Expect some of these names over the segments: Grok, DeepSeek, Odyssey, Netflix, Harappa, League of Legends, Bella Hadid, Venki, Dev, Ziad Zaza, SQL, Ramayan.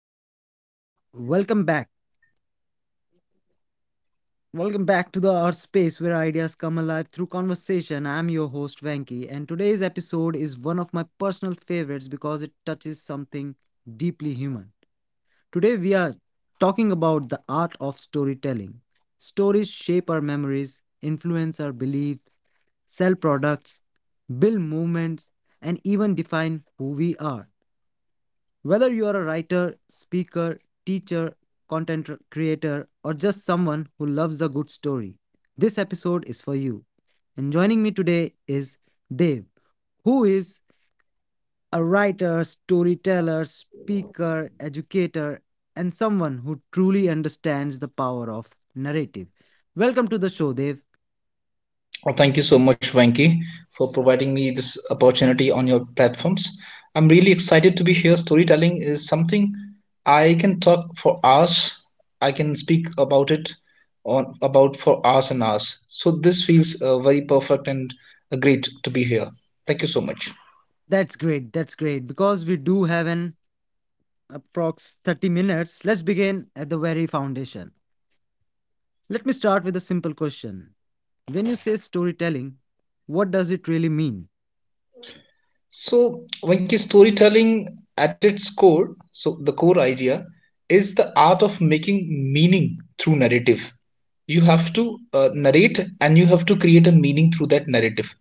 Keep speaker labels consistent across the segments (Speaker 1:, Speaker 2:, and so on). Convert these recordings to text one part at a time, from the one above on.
Speaker 1: everyone, and welcome back. Welcome back to the Art Space where ideas come alive through conversation. I'm your host, Venki, and today's episode is one of my personal favorites because it touches something deeply human. Today, we are talking about the art of storytelling. Stories shape our memories, influence our beliefs, sell products, build movements, and even define who we are. Whether you are a writer, speaker, teacher, content creator, or just someone who loves a good story, this episode is for you. And joining me today is Dev, who is a writer, storyteller, speaker, educator, and someone who truly understands the power of narrative. Welcome to the show, Dev.
Speaker 2: Well, thank you so much, Venki, for providing me this opportunity on your platforms. I'm really excited to be here. Storytelling is something I can talk for hours. I can speak about it on about for hours and hours. So this feels very perfect and great to be here. Thank you so much.
Speaker 1: That's great. That's great. Because we do have an approx 30 minutes, let's begin at the very foundation. Let me start with a simple question. When you say storytelling, what does it really mean?
Speaker 2: So, Venki, storytelling at its core, so the core idea is the art of making meaning through narrative. You have to narrate and you have to create a meaning through that narrative.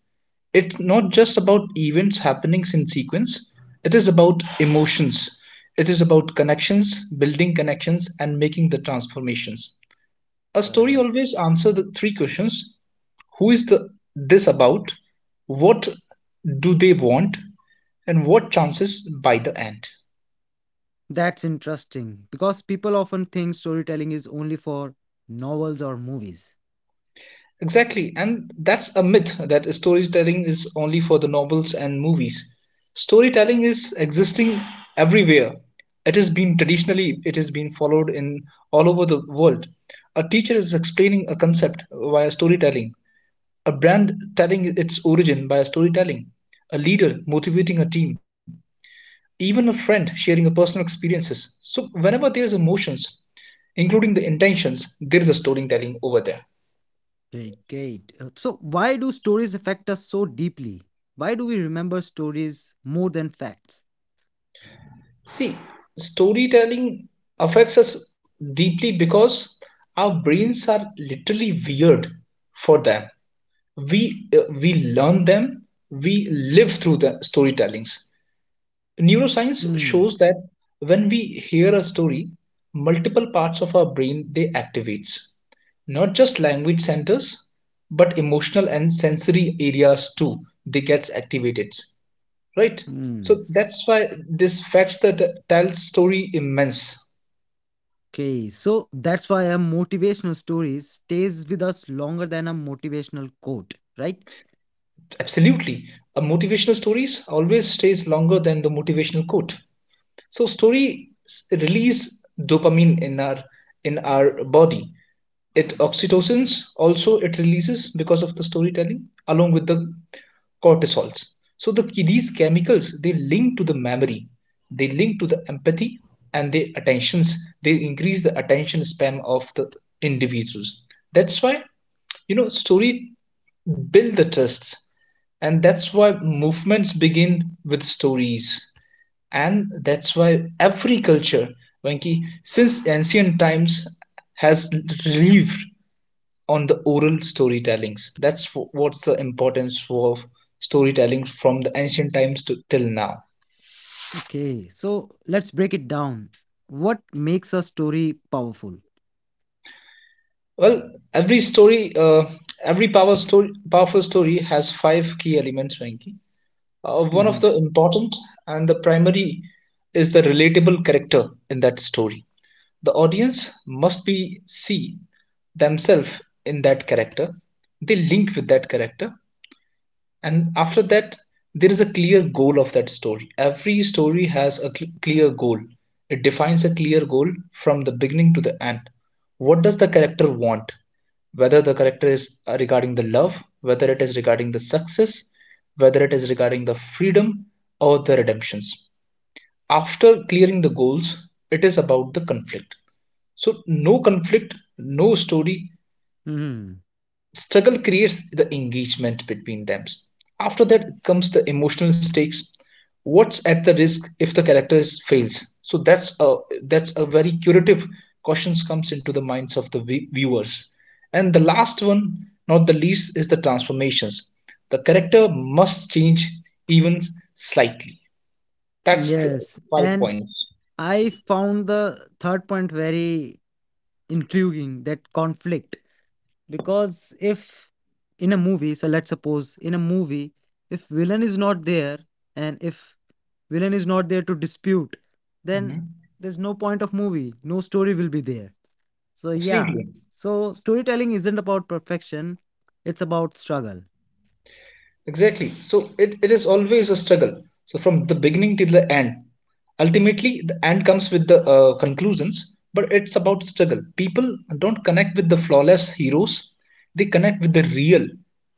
Speaker 2: It's not just about events, happenings in sequence, it is about emotions, it is about connections, building connections, and making the transformations. A story
Speaker 1: Correct.
Speaker 2: always answers the three questions: who is the, this about? What do they want? And what chances by the end.
Speaker 1: That's interesting because people often think storytelling is only for novels or movies.
Speaker 2: Exactly, and that's a myth that storytelling is only for the novels and movies. Storytelling is existing everywhere. It has been traditionally it has been followed in all over the world. A teacher is explaining a concept via storytelling. A brand telling its origin by storytelling. A leader motivating a team. Even a friend sharing a personal experiences. So whenever there is emotions, including the intentions, there is a storytelling over there.
Speaker 1: Great, great. So, why do stories affect us so deeply? Why do we remember stories more than facts?
Speaker 2: See, storytelling affects us deeply because our brains are literally weird for them. We learn them, we live through the storytellings. Neuroscience
Speaker 1: Hmm.
Speaker 2: shows that when we hear a story, multiple parts of our brain they activates, not just language centers, but emotional and sensory areas too. They gets activated, right,
Speaker 1: Hmm.
Speaker 2: so that's why this facts that tell story immense
Speaker 1: Okay, so that's why a motivational story stays with us longer than a motivational quote, right?
Speaker 2: absolutely a motivational stories always stays longer than the motivational quote. So story release dopamine in our body. It oxytocins also it releases because of the storytelling along with the cortisols. So the these chemicals they link to the memory, they link to the empathy and the attentions. They increase the attention span of the individuals. That's why, you know, story build the trusts, and that's why movements begin with stories, and that's why every culture, Venki, since ancient times has lived on the oral storytellings. That's for, what's the importance of storytelling from the ancient times to till now.
Speaker 1: Okay, so let's break it down. What makes a story powerful?
Speaker 2: Well, every story, powerful story has five key elements, Venki. One of
Speaker 1: Hmm.
Speaker 2: the important and the primary is the relatable character in that story. The audience must be see themselves in that character. They link with that character, and after that there is a clear goal of that story. Every story has a clear goal. It defines a clear goal from the beginning to the end. What does the character want, whether the character is regarding the love, whether it is regarding the success, whether it is regarding the freedom or the redemptions. After clearing the goals, it is about the conflict. So no conflict, no story.
Speaker 1: Hmm.
Speaker 2: Struggle creates the engagement between them. After that comes the emotional stakes. What's at the risk if the character is, fails? So that's a very curative questions comes into the minds of the viewers. And the last one, not the least, is the transformations. The character must change, even slightly. That's the
Speaker 1: Yes,
Speaker 2: five
Speaker 1: and
Speaker 2: points.
Speaker 1: I found the third point very intriguing, that conflict. Because if in a movie, so let's suppose in a movie, if villain is not there and if villain is not there to dispute, then
Speaker 2: Mhm.
Speaker 1: there's no point of movie, no story will be there. So, yeah,
Speaker 2: Absolutely.
Speaker 1: so storytelling isn't about perfection, it's about struggle.
Speaker 2: Exactly. So it is always a struggle. So from the beginning till the end, ultimately the end comes with the conclusions, but it's about struggle. People don't connect with the flawless heroes; they connect with the real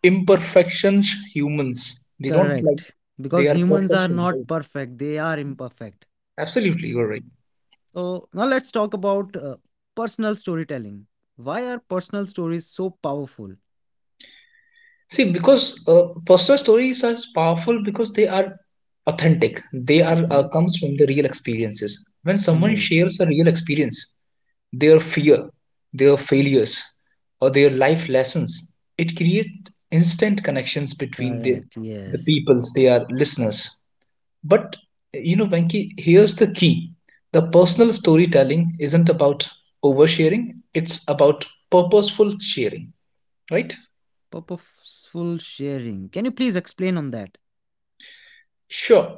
Speaker 2: imperfections humans. They don't like
Speaker 1: Correct.
Speaker 2: they
Speaker 1: Because
Speaker 2: are
Speaker 1: humans are
Speaker 2: perfection,
Speaker 1: not
Speaker 2: right?
Speaker 1: perfect, they are imperfect.
Speaker 2: Absolutely, you're right.
Speaker 1: So, now let's talk about personal storytelling. Why are personal stories so powerful?
Speaker 2: See, because personal stories are powerful because they are authentic. They are
Speaker 1: Mhm.
Speaker 2: comes from the real experiences. When someone
Speaker 1: Yes.
Speaker 2: shares a real experience, their fear, their failures, or their life lessons, it creates instant connections between
Speaker 1: Correct.
Speaker 2: the
Speaker 1: Yes.
Speaker 2: peoples, they are listeners. But you know, Venki, here's the key. The personal storytelling isn't about oversharing, it's about purposeful sharing, right?
Speaker 1: Purposeful sharing. Can you please explain on that?
Speaker 2: Sure.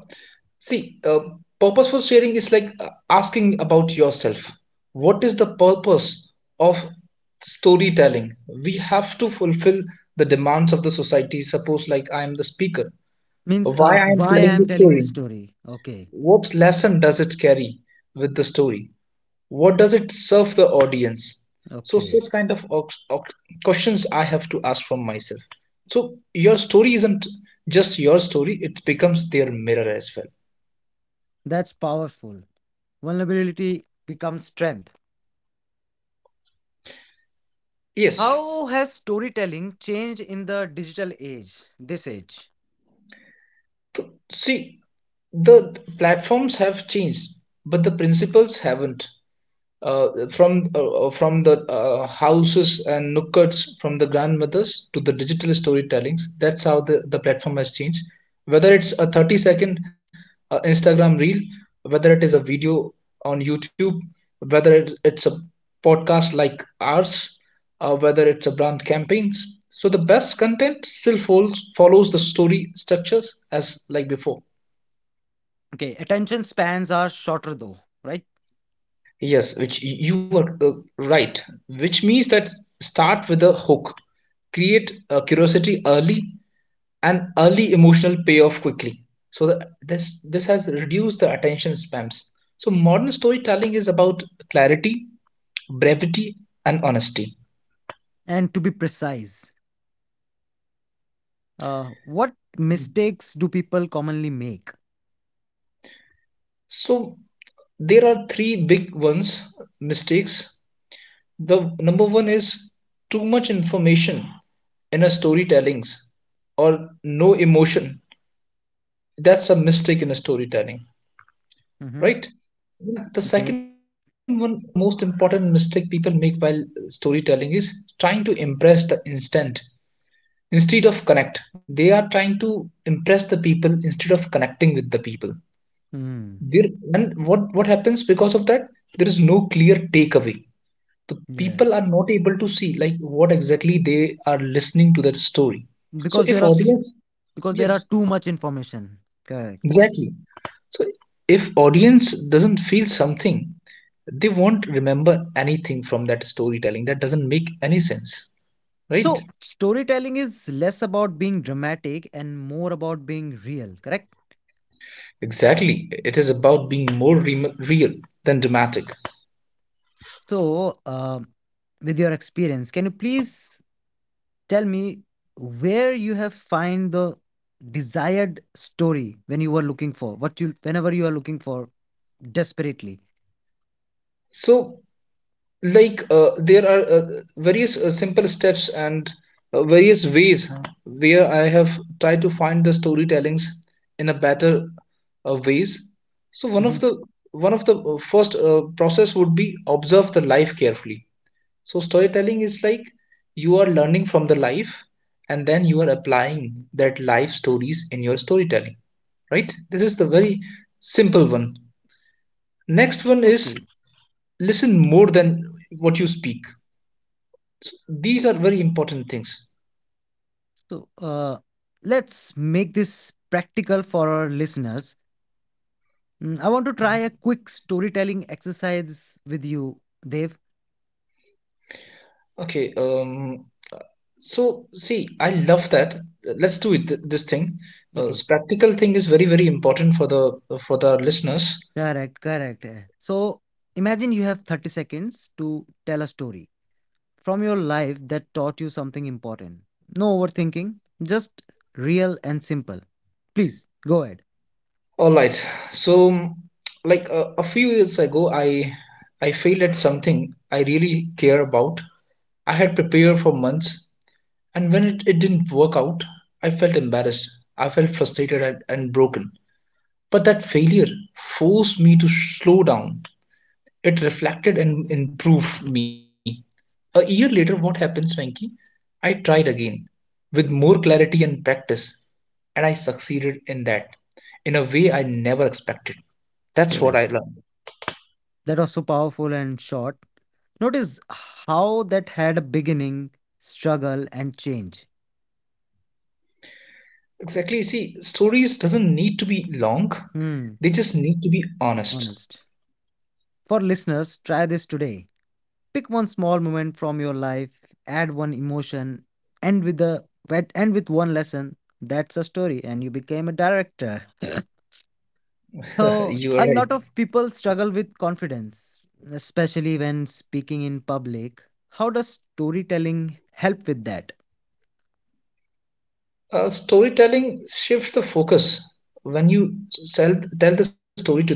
Speaker 2: See, purposeful sharing is like asking about yourself. What is the purpose of storytelling? We have to fulfill the demands of the society. Suppose, like, I am the speaker.
Speaker 1: Means
Speaker 2: Why I am
Speaker 1: why I
Speaker 2: telling the
Speaker 1: am telling this
Speaker 2: story?
Speaker 1: story. Okay.
Speaker 2: What lesson does it carry with the story? What does it serve the audience? So,
Speaker 1: Okay.
Speaker 2: such kind of questions I have to ask from myself. So, your story isn't just your story, it becomes their mirror as well.
Speaker 1: That's powerful. Vulnerability becomes strength.
Speaker 2: Yes.
Speaker 1: How has storytelling changed in the digital age, this age?
Speaker 2: See, the platforms have changed, but the principles haven't. From the houses and nookers from the grandmothers to the digital storytellings. That's how the platform has changed. Whether it's a 30 second instagram reel, whether it is a video on youtube, whether it's a podcast like ours, whether it's a brand campaigns, so the best content still follows the story structures as like before.
Speaker 1: Okay, attention spans are shorter though, right?
Speaker 2: Yes, which you are right, which means that start with a hook, create a curiosity early and early emotional payoff quickly. So that this has reduced the attention spams. So modern storytelling is about clarity, brevity, and honesty.
Speaker 1: And to be precise, what mistakes do people commonly make?
Speaker 2: So there are three big ones mistakes. The number one is too much information in a storytellings or no emotion. That's a mistake in a storytelling,
Speaker 1: Mm-hmm.
Speaker 2: right? The
Speaker 1: Okay.
Speaker 2: second one, one of the most important mistake people make while storytelling is trying to impress the instant instead of connect. They are trying to impress the people instead of connecting with the people.
Speaker 1: Mm.
Speaker 2: There and what happens because of that? There is no clear takeaway. The people are
Speaker 1: Yes.
Speaker 2: not able to see like what exactly they are listening to that story. So
Speaker 1: because there
Speaker 2: if
Speaker 1: are s-
Speaker 2: audience,
Speaker 1: because there are
Speaker 2: yes,
Speaker 1: too much information. Correct.
Speaker 2: exactly. So if audience doesn't feel something, they won't remember anything from that storytelling. That doesn't make any sense, right?
Speaker 1: So storytelling is less about being dramatic and more about being real, correct?
Speaker 2: Exactly, it is about being more real than dramatic.
Speaker 1: So, with your experience, can you please tell me where you have find the desired story when you were looking for, what you, whenever you are looking for desperately?
Speaker 2: So like there are various simple steps and various ways where I have tried to find the storytellings in a better ways. So one
Speaker 1: Hmm.
Speaker 2: of the one of the first process would be observe the life carefully. So storytelling is like you are learning from the life and then you are applying that life stories in your storytelling, right? This is the very simple one. Next one is
Speaker 1: Okay.
Speaker 2: listen more than what you speak. These are very important things.
Speaker 1: So, let's make this practical for our listeners. Mm, I want to try a quick storytelling exercise with you, Dev.
Speaker 2: Okay, so see, I love that. Let's do this thing. This
Speaker 1: Okay,
Speaker 2: practical thing is very very important for the listeners.
Speaker 1: correct, correct. So, imagine you have 30 seconds to tell a story from your life that taught you something important. No overthinking, just real and simple. Please go ahead.
Speaker 2: All right. So, like a few years ago, I failed at something I really care about. I had prepared for months, and when it didn't work out, I felt embarrassed. I felt frustrated and broken. But that failure forced me to slow down. It reflected and improved me. A year later, what happens, Venki? I tried again with more clarity and practice, and I succeeded in that in a way I never expected. That's
Speaker 1: Okay.
Speaker 2: what
Speaker 1: Mm.
Speaker 2: I learned.
Speaker 1: That was so powerful and short. Notice how that had a beginning, struggle, and change.
Speaker 2: Exactly. See, stories doesn't need to be long. They just
Speaker 1: Hmm,
Speaker 2: need to be honest.
Speaker 1: honest. For listeners, try this today. Pick one small moment from your life, add one emotion, end with the end with one lesson. That's a story, and you became a director. So,
Speaker 2: You are
Speaker 1: a
Speaker 2: right.
Speaker 1: lot of people struggle with confidence, especially when speaking in public. How does storytelling help with that?
Speaker 2: Storytelling shifts the focus when you tell the story to the people.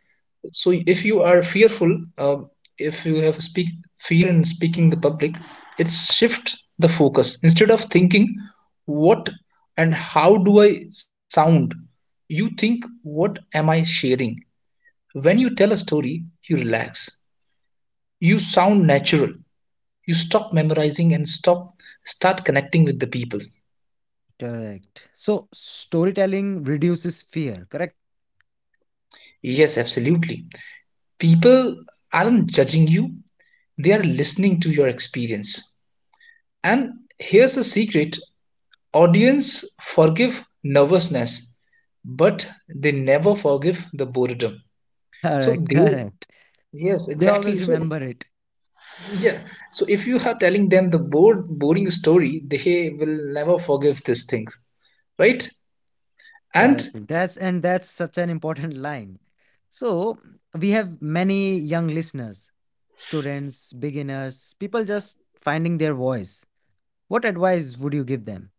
Speaker 2: So if you are fearful, if you have speak fear in speaking the public, it shift the focus. Instead of thinking what and how do I sound, you think what am I sharing? When you tell a story, you relax. You sound natural. You stop memorizing and stop start connecting with the people.
Speaker 1: Correct. So, storytelling reduces fear. Correct.
Speaker 2: Yes, absolutely. People aren't judging you, they are listening to your experience. And here's the secret audience forgive nervousness, but they never forgive the boredom. So
Speaker 1: Correct.
Speaker 2: they,
Speaker 1: Correct.
Speaker 2: yes,
Speaker 1: They
Speaker 2: exactly.
Speaker 1: always
Speaker 2: So,
Speaker 1: remember it.
Speaker 2: yeah. So if you are telling them the boring story, they will never forgive these things, right? And
Speaker 1: Correct. That's such an important line. So, we have many young listeners, students, beginners, people just finding their voice. What advice would you give them?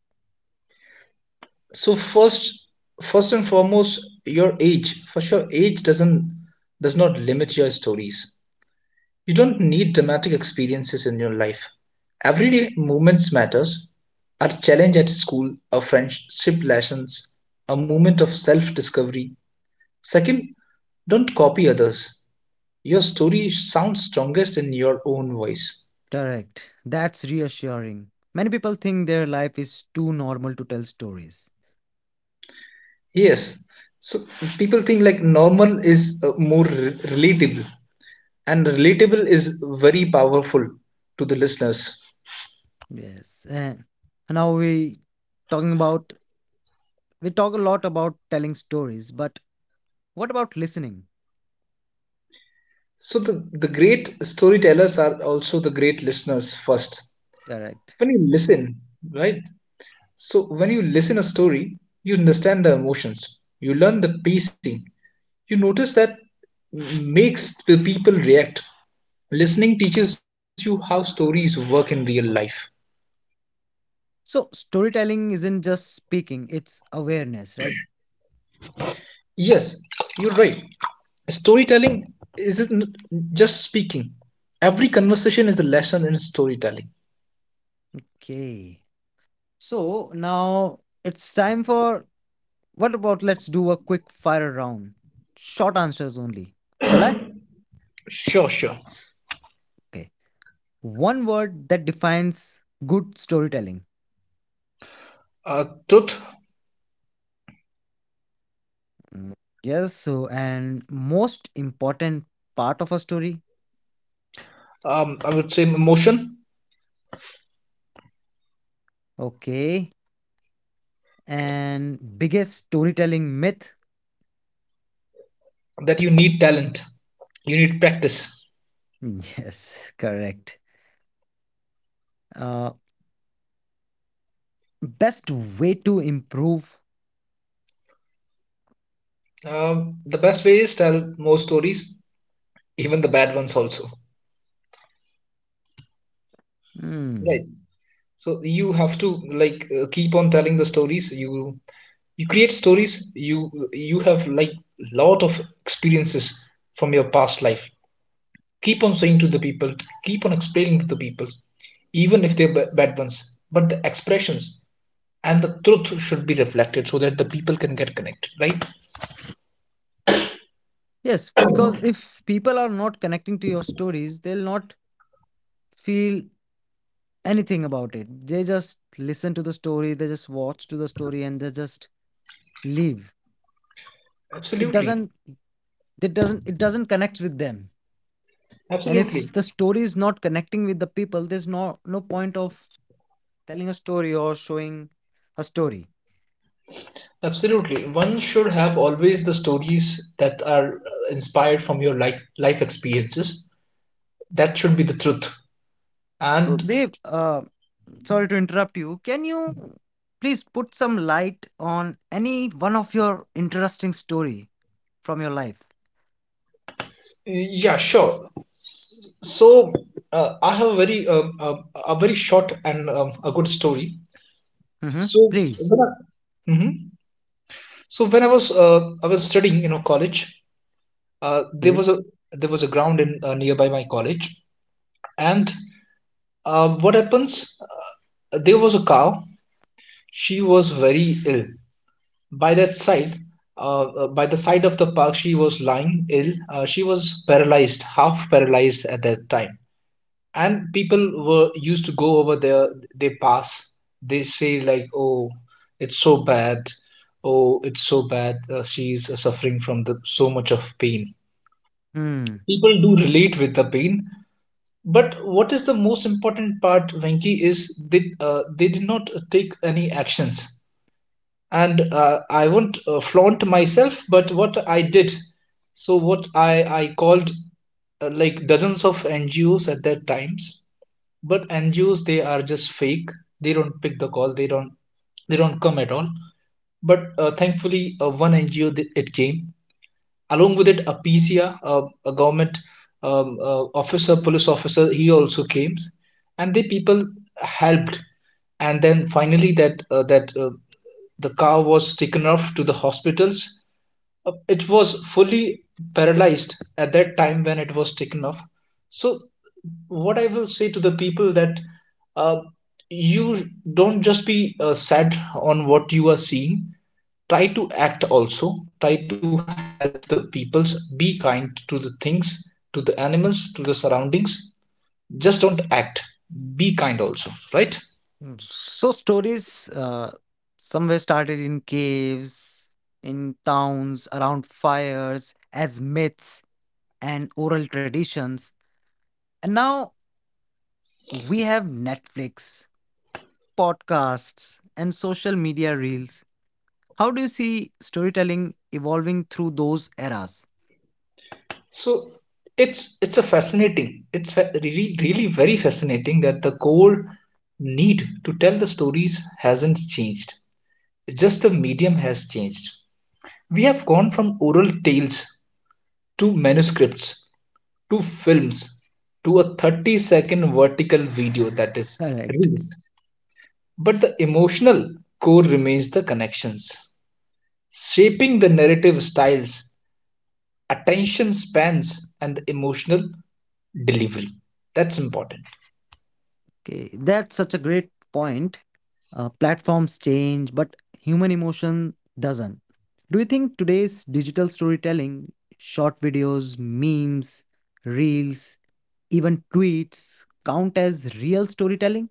Speaker 2: so first, first and foremost, your age, for sure. Age doesn't does not limit your stories. You don't need dramatic experiences in your life. Everyday moments matters. A challenge at school, a friendship lessons, a moment of self discovery. Second, don't copy others. Your story sounds strongest in your own voice.
Speaker 1: Correct. That's reassuring. Many people think their life is too normal to tell stories.
Speaker 2: Yes, so people think like normal is more relatable, and relatable is very powerful to the listeners.
Speaker 1: Yes. And now talking about we talk a lot about telling stories, but what about listening?
Speaker 2: So the great storytellers are also the great listeners first.
Speaker 1: Correct.
Speaker 2: When you listen, right? So when you listen a story, you understand the emotions, you learn the pacing, you notice that makes the people react. Listening teaches you how stories work in real life.
Speaker 1: So storytelling isn't just speaking, it's awareness, right?
Speaker 2: Yes, you're right. Storytelling isn't just speaking. Every conversation is a lesson in storytelling.
Speaker 1: Okay. So now it's time for, what about, let's do a quick fire round. Short answers only. Shall I?
Speaker 2: Sure, sure.
Speaker 1: Okay. One word that defines good storytelling.
Speaker 2: Truth.
Speaker 1: Mm. Yes, so and most important part of a story.
Speaker 2: Um, I would say emotion.
Speaker 1: Okay. And biggest storytelling myth.
Speaker 2: That you need talent, you need practice.
Speaker 1: Yes, correct. Uh, Best way to improve.
Speaker 2: The best way is tell more stories, even the bad ones also.
Speaker 1: Hmm.
Speaker 2: Right. So you have to like keep on telling the stories. You create stories. You have like lot of experiences from your past life. Keep on saying to the people. Keep on explaining to the people, even if bad ones. But the expressions and the truth should be reflected so that the people can get connected, right?
Speaker 1: Yes, because if people are not connecting to your stories, they'll not feel anything about it. They just listen to the story, they just watch to the story, and they just leave. It
Speaker 2: Absolutely.
Speaker 1: doesn't. It doesn't. It doesn't connect with them, and
Speaker 2: Absolutely.
Speaker 1: if the story is not connecting with the people, there's no point of telling a story or showing a story.
Speaker 2: Absolutely, one should have always the stories that are inspired from your life experiences. That should be the truth.
Speaker 1: So,
Speaker 2: And
Speaker 1: Dev, sorry to interrupt, you can you please put some light on any one of your interesting story from your life?
Speaker 2: yeah, sure. So I have a very a very short and a good story.
Speaker 1: Hmm,
Speaker 2: So
Speaker 1: please.
Speaker 2: when I, hmm so when I was I was studying, you know, college. There
Speaker 1: Okay.
Speaker 2: was a— there was a ground in, nearby my college. And uh, what happens? There was a cow. She was very ill. By that side, by the side of the park, she was lying ill. She was paralyzed, half paralyzed at that time. And people were used to go over there. They pass. They say like, "Oh, it's so bad. Oh, it's so bad. She's suffering from the so much of pain."
Speaker 1: Hmm.
Speaker 2: People do relate with the pain, but what is the most important part, Venki, is they did not take any actions, and I won't flaunt myself, but what I did, so what I called like dozens of NGOs at that times, but NGOs, they are just fake. They don't pick the call. They don't— they don't come at all. But thankfully, one it came along with it, a PCR, a government officer, police officer, he also came, and the people helped, and then finally that the car was taken off to the hospitals. It was fully paralyzed at that time when it was taken off. So what I will say to the people, that uh, you don't just be sad on what you are seeing. Try to act also. Try to help the peoples. Be kind to the things, to the animals, to the surroundings. Just don't act, be kind also, right?
Speaker 1: Mm. So stories somewhere started in caves, in towns, around fires, as myths and oral traditions. And now we have Netflix, podcasts, and social media reels. How do you see storytelling evolving through those eras?
Speaker 2: So it's a fascinating— it's really really very fascinating that the core need to tell the stories hasn't changed. Just the medium has changed. We have gone from oral tales to manuscripts to films to a 30-second vertical video, that is
Speaker 1: Correct.
Speaker 2: reels. But the emotional core remains the connections, shaping the narrative styles, attention spans, and the emotional delivery. That's important.
Speaker 1: Okay, that's such a great point. Platforms change, but human emotion doesn't. Do you think today's digital storytelling, short videos, memes, reels, even tweets, count as real storytelling?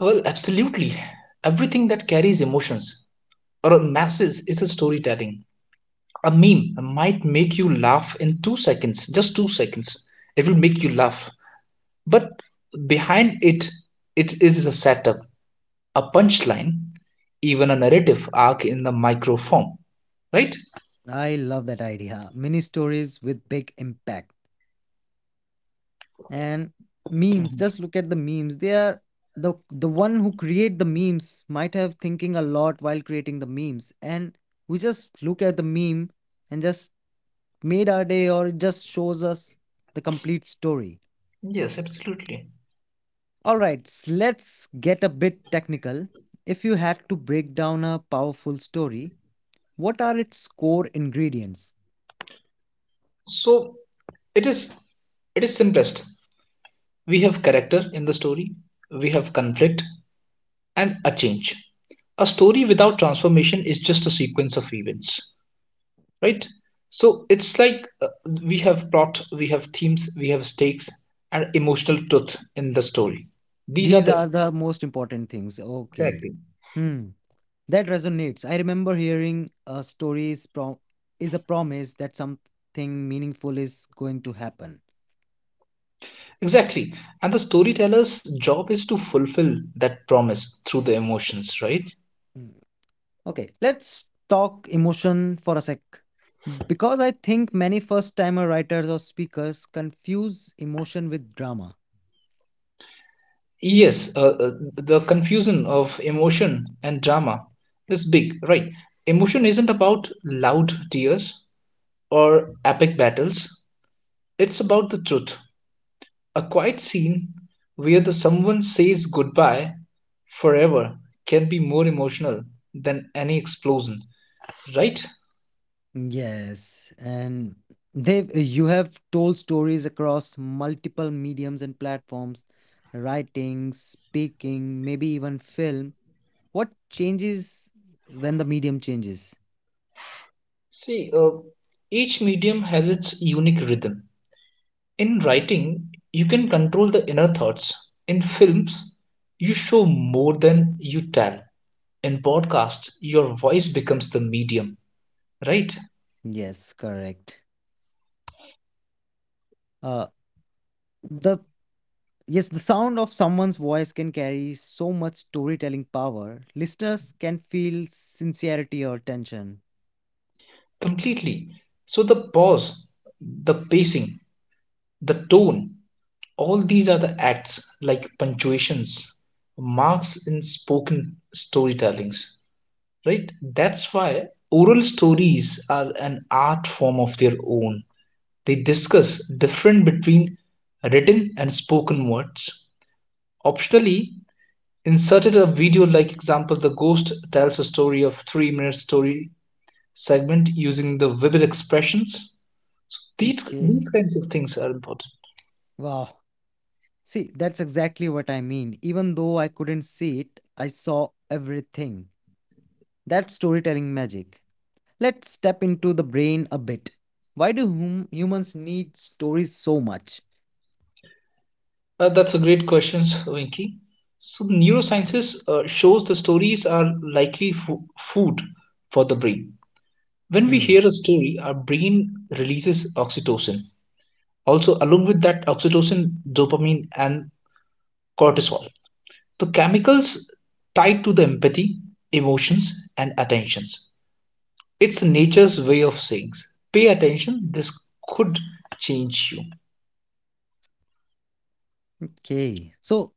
Speaker 2: Well, absolutely. Everything that carries emotions or masses is a storytelling. A meme might make you laugh in 2 seconds, just 2 seconds. It will make you laugh. But behind it, it is a setup, a punchline, even a narrative arc in the micro form, right?
Speaker 1: I love that idea. Mini stories with big impact. And memes, just look at the memes. They are the one who create the memes might have thinking a lot while creating the memes, and we just look at the meme and just made our day, or it just shows us the complete story.
Speaker 2: Yes, absolutely.
Speaker 1: All right, let's get a bit technical. If you had to break down a powerful story, what are its core ingredients?
Speaker 2: So it is— it is simplest. We have character in the story, we have conflict and a change. A story without transformation is just a sequence of events, right? So it's like we have plot, we have themes, we have stakes and emotional truth in the story. These are
Speaker 1: These
Speaker 2: the—
Speaker 1: are the most important things. Okay.
Speaker 2: exactly.
Speaker 1: Hmm. That resonates. I remember hearing a stories is a promise that something meaningful is going to happen.
Speaker 2: Exactly. And the storyteller's job is to fulfill that promise through the emotions, right?
Speaker 1: Mm. Okay, let's talk emotion for a sec. Because I think many first timer writers or speakers confuse emotion with drama.
Speaker 2: Yes, the confusion of emotion and drama is big, right? Emotion isn't about loud tears or epic battles. It's about the truth. A quiet scene where the someone says goodbye forever can be more emotional than any explosion, right?
Speaker 1: Yes, and they you have told stories across multiple mediums and platforms, writing, speaking, maybe even film. What changes when the medium changes?
Speaker 2: See, each medium has its unique rhythm. In writing, you can control the inner thoughts. In films, you show more than you tell. In podcasts, your voice becomes the medium, right?
Speaker 1: Yes, correct. Uh, the Yes, the sound of someone's voice can carry so much storytelling power. Listeners can feel sincerity or tension.
Speaker 2: Completely. So the pause, the pacing, the tone, all these are the acts like punctuations, marks in spoken storytellings, right? That's why oral stories are an art form of their own. They discuss difference between written and spoken words. Optionally, inserted a video like example the ghost tells a story of 3-minute story segment using the vivid expressions. So these
Speaker 1: Okay.
Speaker 2: these kinds of things are important.
Speaker 1: Wow. See, that's exactly what I mean. Even though I couldn't see it, I saw everything. That's storytelling magic. Let's step into the brain a bit. Why do humans need stories so much?
Speaker 2: That's a great question, Winky. So neurosciences shows the stories are likely food for the brain. When we
Speaker 1: Mm.
Speaker 2: hear a story, our brain releases oxytocin. Also, along with that oxytocin, dopamine, and cortisol, the chemicals tied to the empathy, emotions, and attentions. It's nature's way of saying, pay attention, this could change you.
Speaker 1: Okay. So,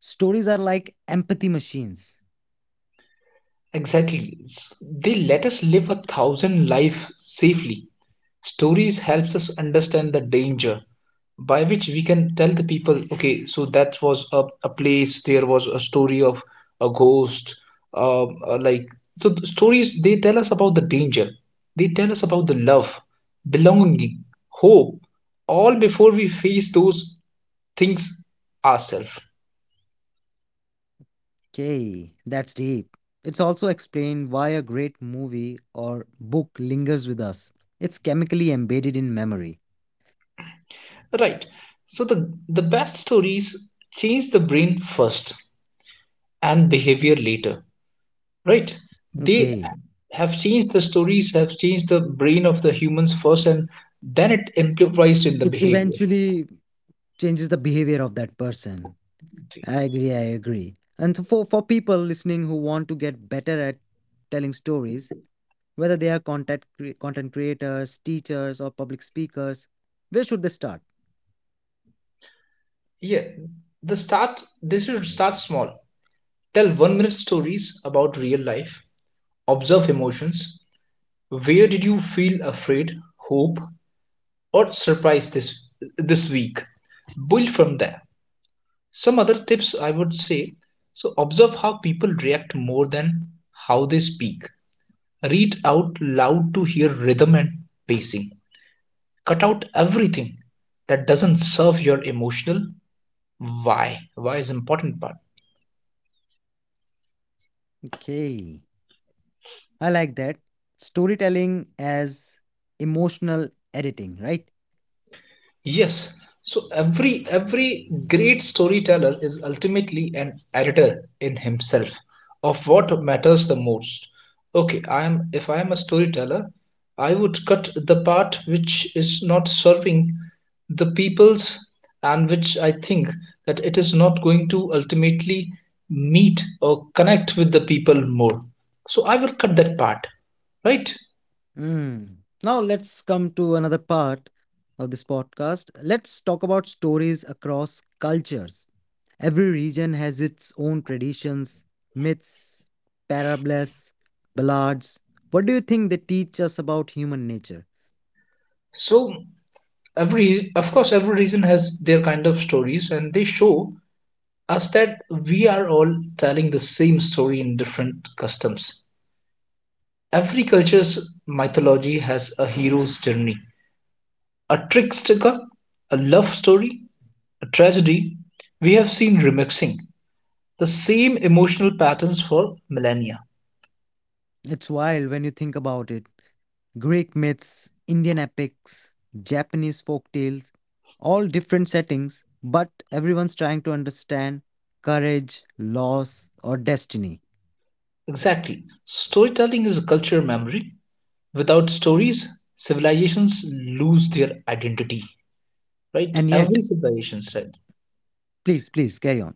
Speaker 1: stories are like empathy machines.
Speaker 2: Exactly. It's— they let us live a thousand lives safely. Stories helps us understand the danger, by which we can tell the people, okay, so that was a place, there was a story of a ghost, like, so the stories, they tell us about the danger. They tell us about the love, belonging, hope, all before we face those things ourselves.
Speaker 1: Okay, that's deep. It's also explained why a great movie or book lingers with us. It's chemically embedded in memory.
Speaker 2: Right. So the best stories change the brain first and behavior later. Right. They
Speaker 1: Okay,
Speaker 2: have changed— the stories have changed the brain of the humans first and then it implies in the
Speaker 1: it
Speaker 2: behavior.
Speaker 1: eventually changes the behavior of that person.
Speaker 2: Okay.
Speaker 1: I agree, I agree. And so for people listening who want to get better at telling stories, whether they are content creators, teachers, or public speakers, where should they start?
Speaker 2: Yeah, the start— this should start small. Tell 1 minute stories about real life. Observe emotions. Where did you feel afraid, hope, or surprise this this week? Build from there. Some other tips I would say, so observe how people react more than how they speak. Read out loud to hear rhythm and pacing. Cut out everything that doesn't serve your emotional why. Why is an important part.
Speaker 1: Okay, I like that. Storytelling as emotional editing, right?
Speaker 2: Yes. So every great storyteller is ultimately an editor in himself of what matters the most. Okay, I am— if I am a storyteller, I would cut the part which is not serving the people's and which I think that it is not going to ultimately meet or connect with the people more. So I will cut that part, right?
Speaker 1: Mm. Now let's come to another part of this podcast. Let's talk about stories across cultures. Every region has its own traditions, myths, parables, ballads. What do you think they teach us about human nature?
Speaker 2: So every— of course, every region has their kind of stories, and they show us that we are all telling the same story in different customs. Every culture's mythology has a hero's journey, a trickster, a love story, a tragedy. We have seen remixing the same emotional patterns for millennia.
Speaker 1: It's wild when you think about it. Greek myths, Indian epics, Japanese folk tales, all different settings, but everyone's trying to understand courage, loss, or destiny.
Speaker 2: Exactly, storytelling is a cultural memory. Without stories, civilizations lose their identity, right?
Speaker 1: And yet,
Speaker 2: Every civilization, right?
Speaker 1: please, please carry on.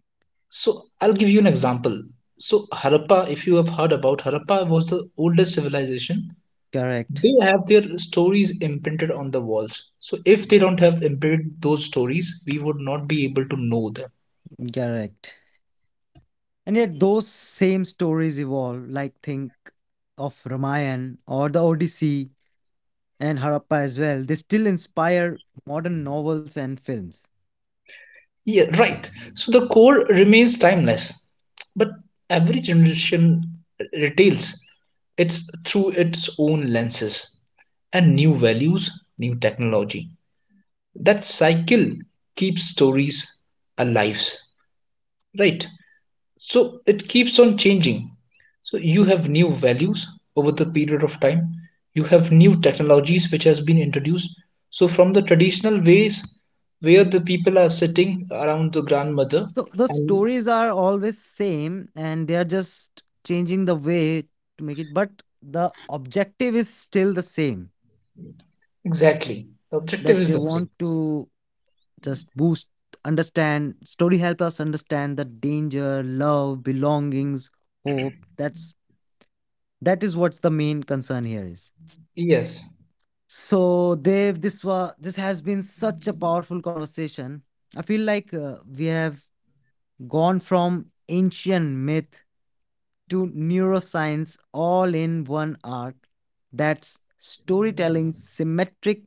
Speaker 2: So I'll give you an example. So Harappa, if you have heard about Harappa, was the oldest civilization.
Speaker 1: Correct,
Speaker 2: They have their stories imprinted on the walls. So if they don't have imprinted those stories, we would not be able to know them.
Speaker 1: correct. And yet, those same stories evolve, like think of Ramayan or the Odyssey and Harappa as well. They still inspire modern novels and films.
Speaker 2: Yeah, right. So the core remains timeless, but every generation retails it's through its own lenses and new values, new technology. That cycle keeps stories alive, right? So it keeps on changing. So you have new values over the period of time. You have new technologies which has been introduced. So from the traditional ways where the people are sitting around the grandmother,
Speaker 1: So the
Speaker 2: and
Speaker 1: stories are always same, and they are just changing the way to make it. But the objective is still the same,
Speaker 2: exactly the objective
Speaker 1: that
Speaker 2: is
Speaker 1: they
Speaker 2: the same.
Speaker 1: want to. Just boost, understand, story help us understand the danger, love, belongings, hope. That is what's the main concern here is.
Speaker 2: Yes.
Speaker 1: So, Dev, this has been such a powerful conversation. I feel like we have gone from ancient myth to neuroscience all in one arc. That's storytelling symmetric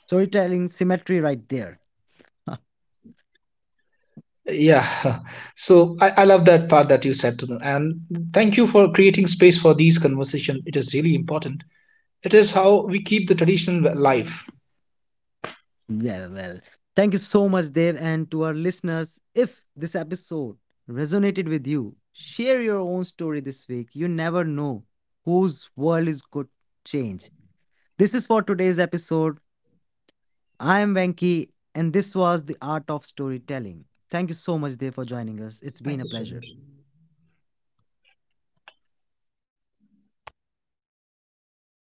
Speaker 1: storytelling symmetry right there.
Speaker 2: Yeah. So I love that part that you said to them, and thank you for creating space for these conversation. It is really important. It is how we keep the tradition alive.
Speaker 1: Yeah, well, thank you so much, Dev, and to our listeners. If this episode resonated with you, share your own story this week. You never know whose world is good change. This is for today's episode. I am Venki, and this was the art of storytelling. Thank you so much, Dev, for joining us. It's been a
Speaker 2: Thank you so
Speaker 1: pleasure.
Speaker 2: much.